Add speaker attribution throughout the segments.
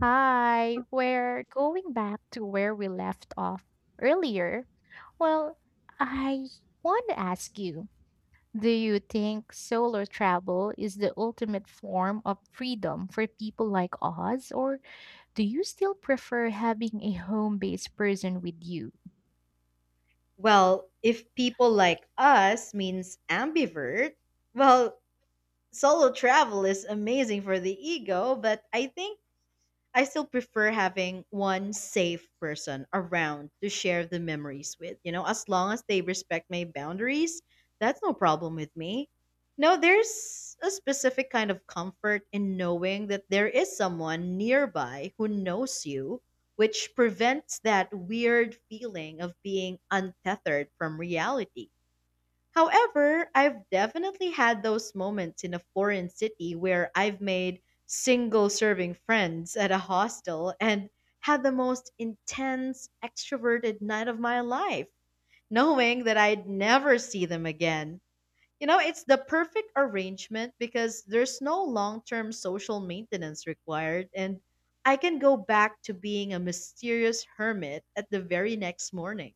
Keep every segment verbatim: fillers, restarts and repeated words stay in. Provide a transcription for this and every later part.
Speaker 1: Hi, we're going back to where we left off earlier. Well, I want to ask you, do you think solo travel is the ultimate form of freedom for people like us, or do you still prefer having a home-based person with you?
Speaker 2: Well, if people like us means ambivert, well, solo travel is amazing for the ego, but I think I still prefer having one safe person around to share the memories with. You know, as long as they respect my boundaries, that's no problem with me. No, there's a specific kind of comfort in knowing that there is someone nearby who knows you, which prevents that weird feeling of being untethered from reality. However, I've definitely had those moments in a foreign city where I've made single serving friends at a hostel and had the most intense extroverted night of my life, knowing that I'd never see them again. You know, it's the perfect arrangement because there's no long term social maintenance required, and I can go back to being a mysterious hermit at the very next morning.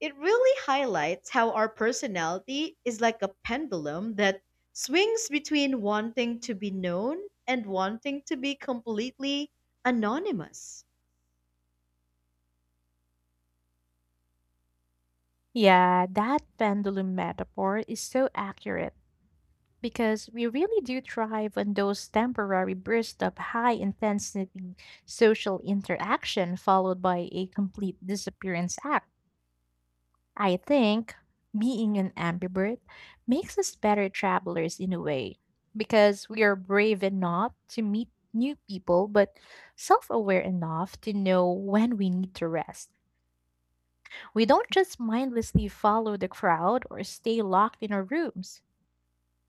Speaker 2: It really highlights how our personality is like a pendulum that swings between wanting to be known and wanting to be completely anonymous.
Speaker 1: Yeah, that pendulum metaphor is so accurate, because we really do thrive on those temporary bursts of high intensity social interaction followed by a complete disappearance act. I think being an ambivert makes us better travelers in a way, because we are brave enough to meet new people but self-aware enough to know when we need to rest. We don't just mindlessly follow the crowd or stay locked in our rooms.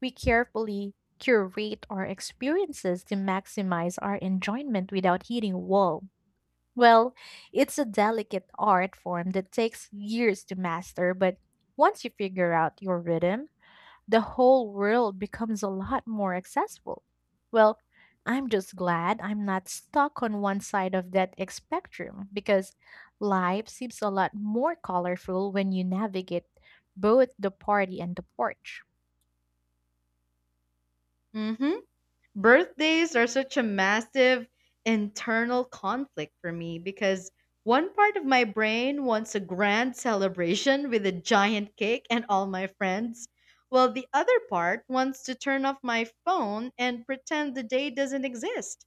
Speaker 1: We carefully curate our experiences to maximize our enjoyment without hitting a wall. Well, it's a delicate art form that takes years to master, but once you figure out your rhythm, the whole world becomes a lot more accessible. Well, I'm just glad I'm not stuck on one side of that X spectrum, because life seems a lot more colorful when you navigate both the party and the porch.
Speaker 2: Hmm. Birthdays are such a massive internal conflict for me because one part of my brain wants a grand celebration with a giant cake and all my friends, while the other part wants to turn off my phone and pretend the day doesn't exist.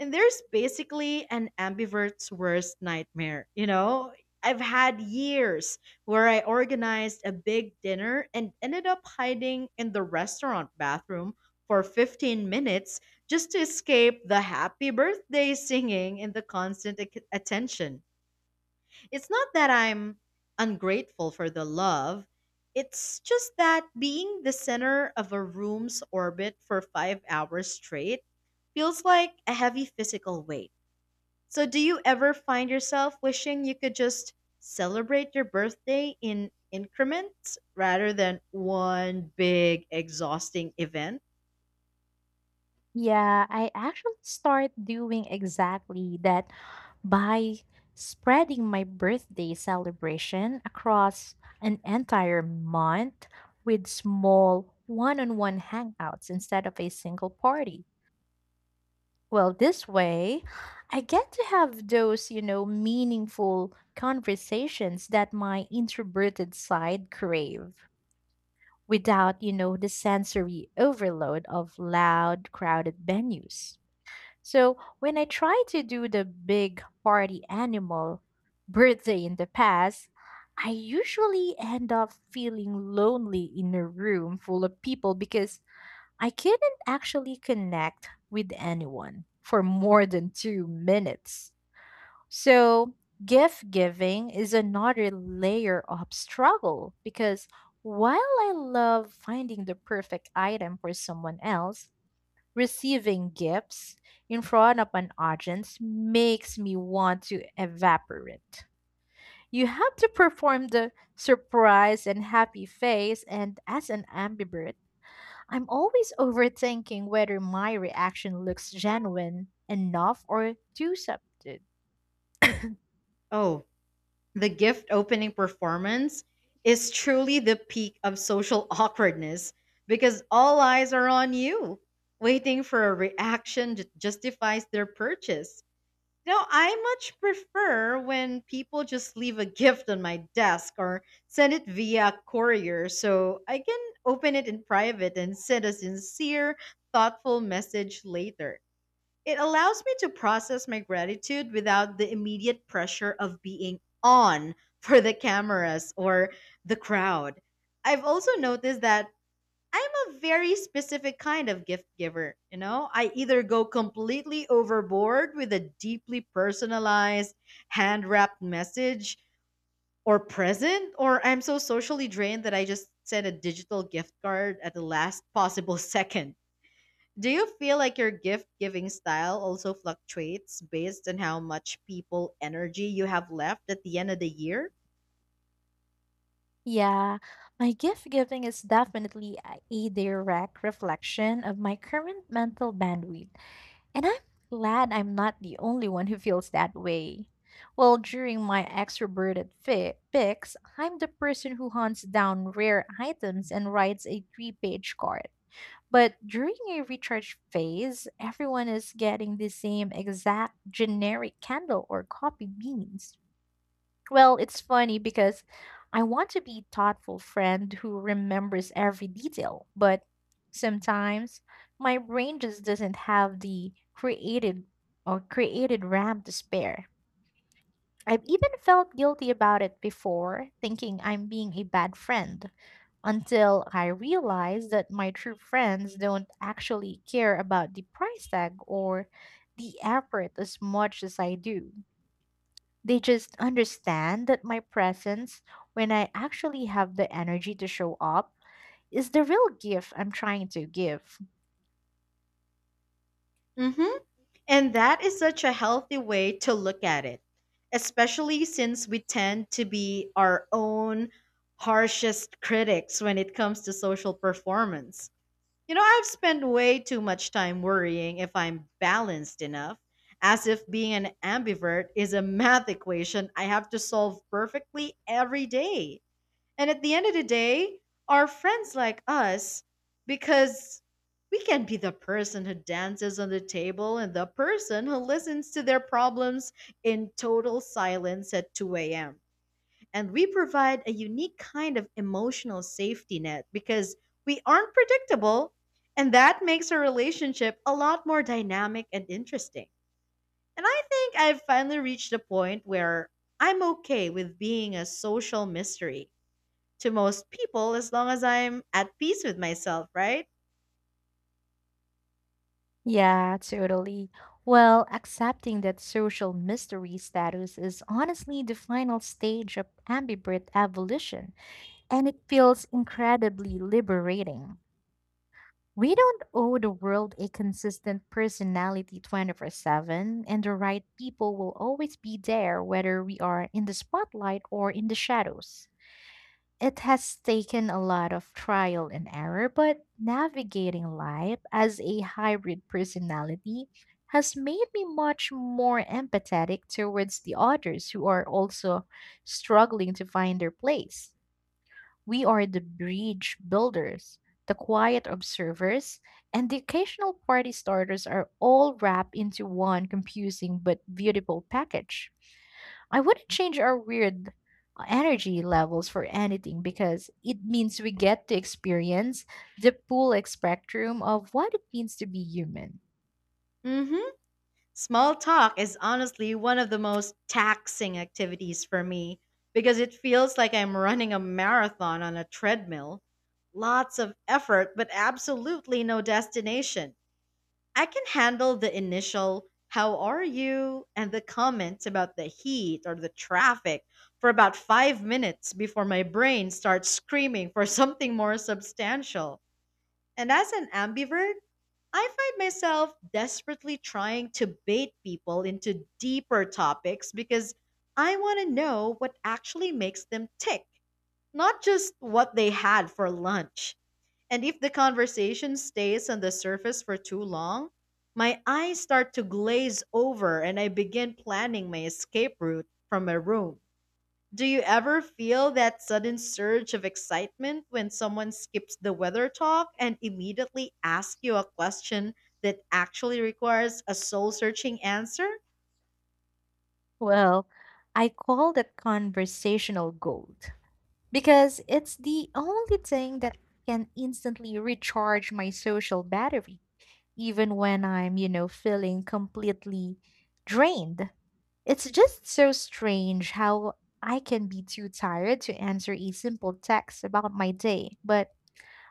Speaker 2: And there's basically an ambivert's worst nightmare. You know, I've had years where I organized a big dinner and ended up hiding in the restaurant bathroom for fifteen minutes just to escape the happy birthday singing and the constant ac- attention. It's not that I'm ungrateful for the love. It's just that being the center of a room's orbit for five hours straight feels like a heavy physical weight. So, do you ever find yourself wishing you could just celebrate your birthday in increments rather than one big, exhausting event?
Speaker 1: Yeah, I actually start doing exactly that by spreading my birthday celebration across an entire month with small one-on-one hangouts instead of a single party. Well, this way, I get to have those, you know, meaningful conversations that my introverted side crave without, you know, the sensory overload of loud, crowded venues. So when I try to do the big party animal birthday in the past, I usually end up feeling lonely in a room full of people because I couldn't actually connect with anyone for more than two minutes. So gift giving is another layer of struggle because, while I love finding the perfect item for someone else, receiving gifts in front of an audience makes me want to evaporate. You have to perform the surprise and happy face, and as an ambivert, I'm always overthinking whether my reaction looks genuine enough or too subdued.
Speaker 2: Oh, the gift opening performance is truly the peak of social awkwardness because all eyes are on you, waiting for a reaction that justifies their purchase. No, I much prefer when people just leave a gift on my desk or send it via courier so I can open it in private and send a sincere, thoughtful message later. It allows me to process my gratitude without the immediate pressure of being on for the cameras or the crowd. I've also noticed that I'm a very specific kind of gift giver. You know, I either go completely overboard with a deeply personalized, hand wrapped message or present, or I'm so socially drained that I just send a digital gift card at the last possible second. Do you feel like your gift giving style also fluctuates based on how much people energy you have left at the end of the year?
Speaker 1: Yeah, my gift giving is definitely a a direct reflection of my current mental bandwidth. And I'm glad I'm not the only one who feels that way. Well, during my extroverted fi- fix, I'm the person who hunts down rare items and writes a three page card. But during a recharge phase, everyone is getting the same exact generic candle or coffee beans. Well, it's funny because I want to be thoughtful friend who remembers every detail, but sometimes my brain just doesn't have the created or created RAM to spare. I've even felt guilty about it before, thinking I'm being a bad friend, until I realized that my true friends don't actually care about the price tag or the effort as much as I do. They just understand that my presence, when I actually have the energy to show up, is the real gift I'm trying to give.
Speaker 2: Mm hmm. And that is such a healthy way to look at it, especially since we tend to be our own harshest critics when it comes to social performance. You know, I've spent way too much time worrying if I'm balanced enough, as if being an ambivert is a math equation I have to solve perfectly every day. And at the end of the day, our friends like us because we can be the person who dances on the table and the person who listens to their problems in total silence at two a m. And we provide a unique kind of emotional safety net because we aren't predictable, and that makes our relationship a lot more dynamic and interesting. And I think I've finally reached a point where I'm okay with being a social mystery to most people as long as I'm at peace with myself, right?
Speaker 1: Yeah, totally. Well, accepting that social mystery status is honestly the final stage of ambivert evolution, and it feels incredibly liberating. We don't owe the world a consistent personality twenty-four seven, and the right people will always be there whether we are in the spotlight or in the shadows. It has taken a lot of trial and error, but navigating life as a hybrid personality has made me much more empathetic towards the others who are also struggling to find their place. We are the bridge builders, the quiet observers, and the occasional party starters are all wrapped into one confusing but beautiful package. I wouldn't change our weird energy levels for anything, because it means we get to experience the full spectrum of what it means to be human.
Speaker 2: Mm-hmm. Small talk is honestly one of the most taxing activities for me because it feels like I'm running a marathon on a treadmill. Lots of effort, but absolutely no destination. I can handle the initial, how are you, and the comments about the heat or the traffic for about five minutes before my brain starts screaming for something more substantial. And as an ambivert, I find myself desperately trying to bait people into deeper topics because I want to know what actually makes them tick, not just what they had for lunch. And if the conversation stays on the surface for too long, my eyes start to glaze over and I begin planning my escape route from my room. Do you ever feel that sudden surge of excitement when someone skips the weather talk and immediately asks you a question that actually requires a soul searching answer?
Speaker 1: Well, I call that conversational gold, because it's the only thing that can instantly recharge my social battery, even when I'm, you know, feeling completely drained. It's just so strange how I can be too tired to answer a simple text about my day, but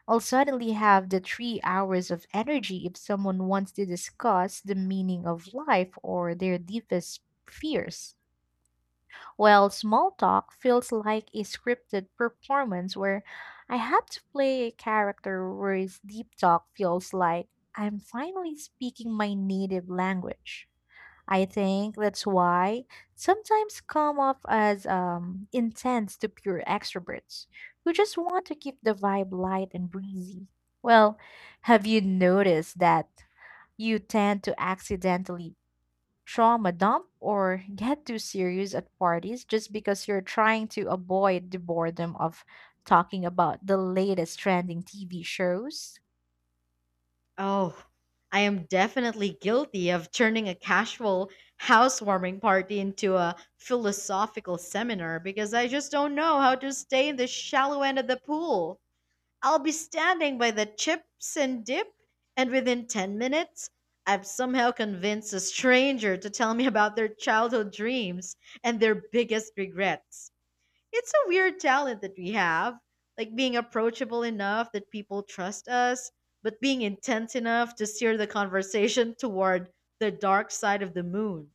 Speaker 1: I'll suddenly have the three hours of energy if someone wants to discuss the meaning of life or their deepest fears. Well, small talk feels like a scripted performance where I have to play a character, whereas deep talk feels like I'm finally speaking my native language. I think that's why sometimes come off as um, intense to pure extroverts who just want to keep the vibe light and breezy. Well, have you noticed that you tend to accidentally trauma dump or get too serious at parties just because you're trying to avoid the boredom of talking about the latest trending T V shows?
Speaker 2: Oh, I am definitely guilty of turning a casual housewarming party into a philosophical seminar because I just don't know how to stay in the shallow end of the pool. I'll be standing by the chips and dip, and within ten minutes, I've somehow convinced a stranger to tell me about their childhood dreams and their biggest regrets. It's a weird talent that we have, like being approachable enough that people trust us, but being intense enough to steer the conversation toward the dark side of the moon.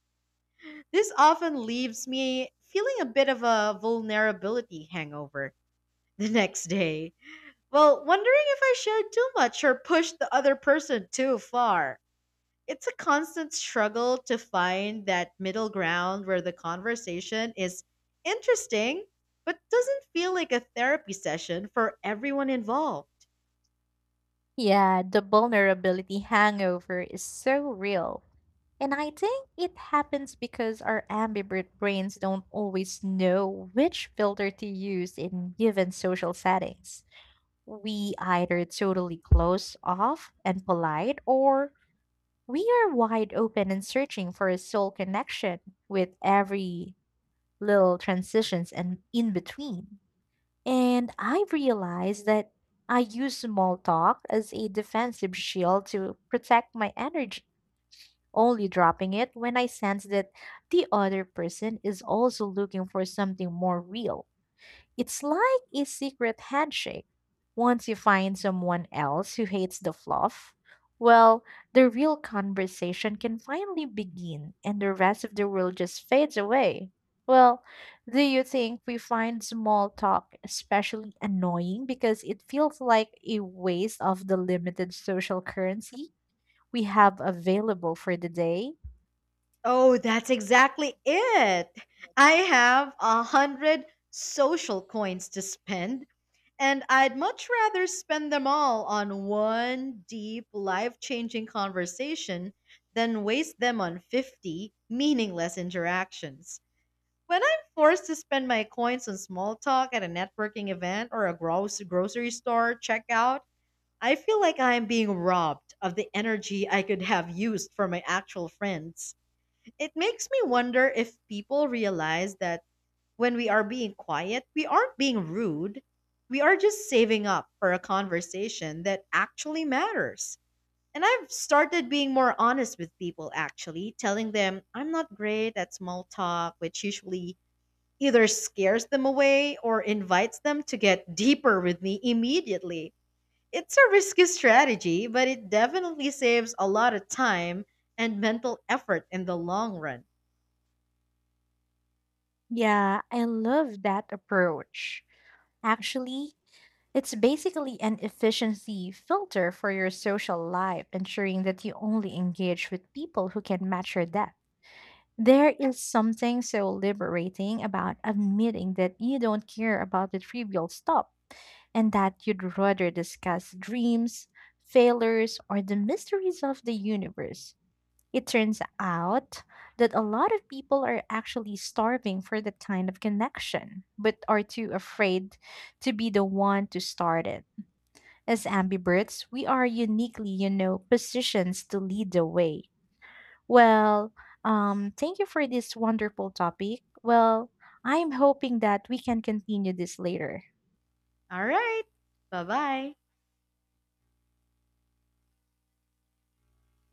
Speaker 2: This often leaves me feeling a bit of a vulnerability hangover the next day. Well, wondering if I shared too much or pushed the other person too far. It's a constant struggle to find that middle ground where the conversation is interesting but doesn't feel like a therapy session for everyone involved.
Speaker 1: Yeah, the vulnerability hangover is so real. And I think it happens because our ambivert brains don't always know which filter to use in given social settings. We either totally close off and polite, or we are wide open and searching for a soul connection with every little transitions and in between. And I realized that I use small talk as a defensive shield to protect my energy, only dropping it when I sense that the other person is also looking for something more real. It's like a secret handshake. Once you find someone else who hates the fluff, well, the real conversation can finally begin and the rest of the world just fades away. Well, do you think we find small talk especially annoying because it feels like a waste of the limited social currency we have available for the day?
Speaker 2: Oh, that's exactly it. I have a hundred social coins to spend, and I'd much rather spend them all on one deep, life changing conversation than waste them on fifty meaningless interactions. When I'm forced to spend my coins on small talk at a networking event or a gross grocery store checkout, I feel like I'm being robbed of the energy I could have used for my actual friends. It makes me wonder if people realize that when we are being quiet, we aren't being rude. We are just saving up for a conversation that actually matters. And I've started being more honest with people, actually, telling them I'm not great at small talk, which usually either scares them away or invites them to get deeper with me immediately. It's a risky strategy, but it definitely saves a lot of time and mental effort in the long run.
Speaker 1: Yeah, I love that approach. Actually, it's basically an efficiency filter for your social life, ensuring that you only engage with people who can match your depth. There is something so liberating about admitting that you don't care about the trivial stuff and that you'd rather discuss dreams, failures, or the mysteries of the universe. It turns out that a lot of people are actually starving for that kind of connection, but are too afraid to be the one to start it. As ambiverts, we are uniquely, you know, positioned to lead the way. Well, um, thank you for this wonderful topic. Well, I'm hoping that we can continue this later.
Speaker 2: All right. Bye bye.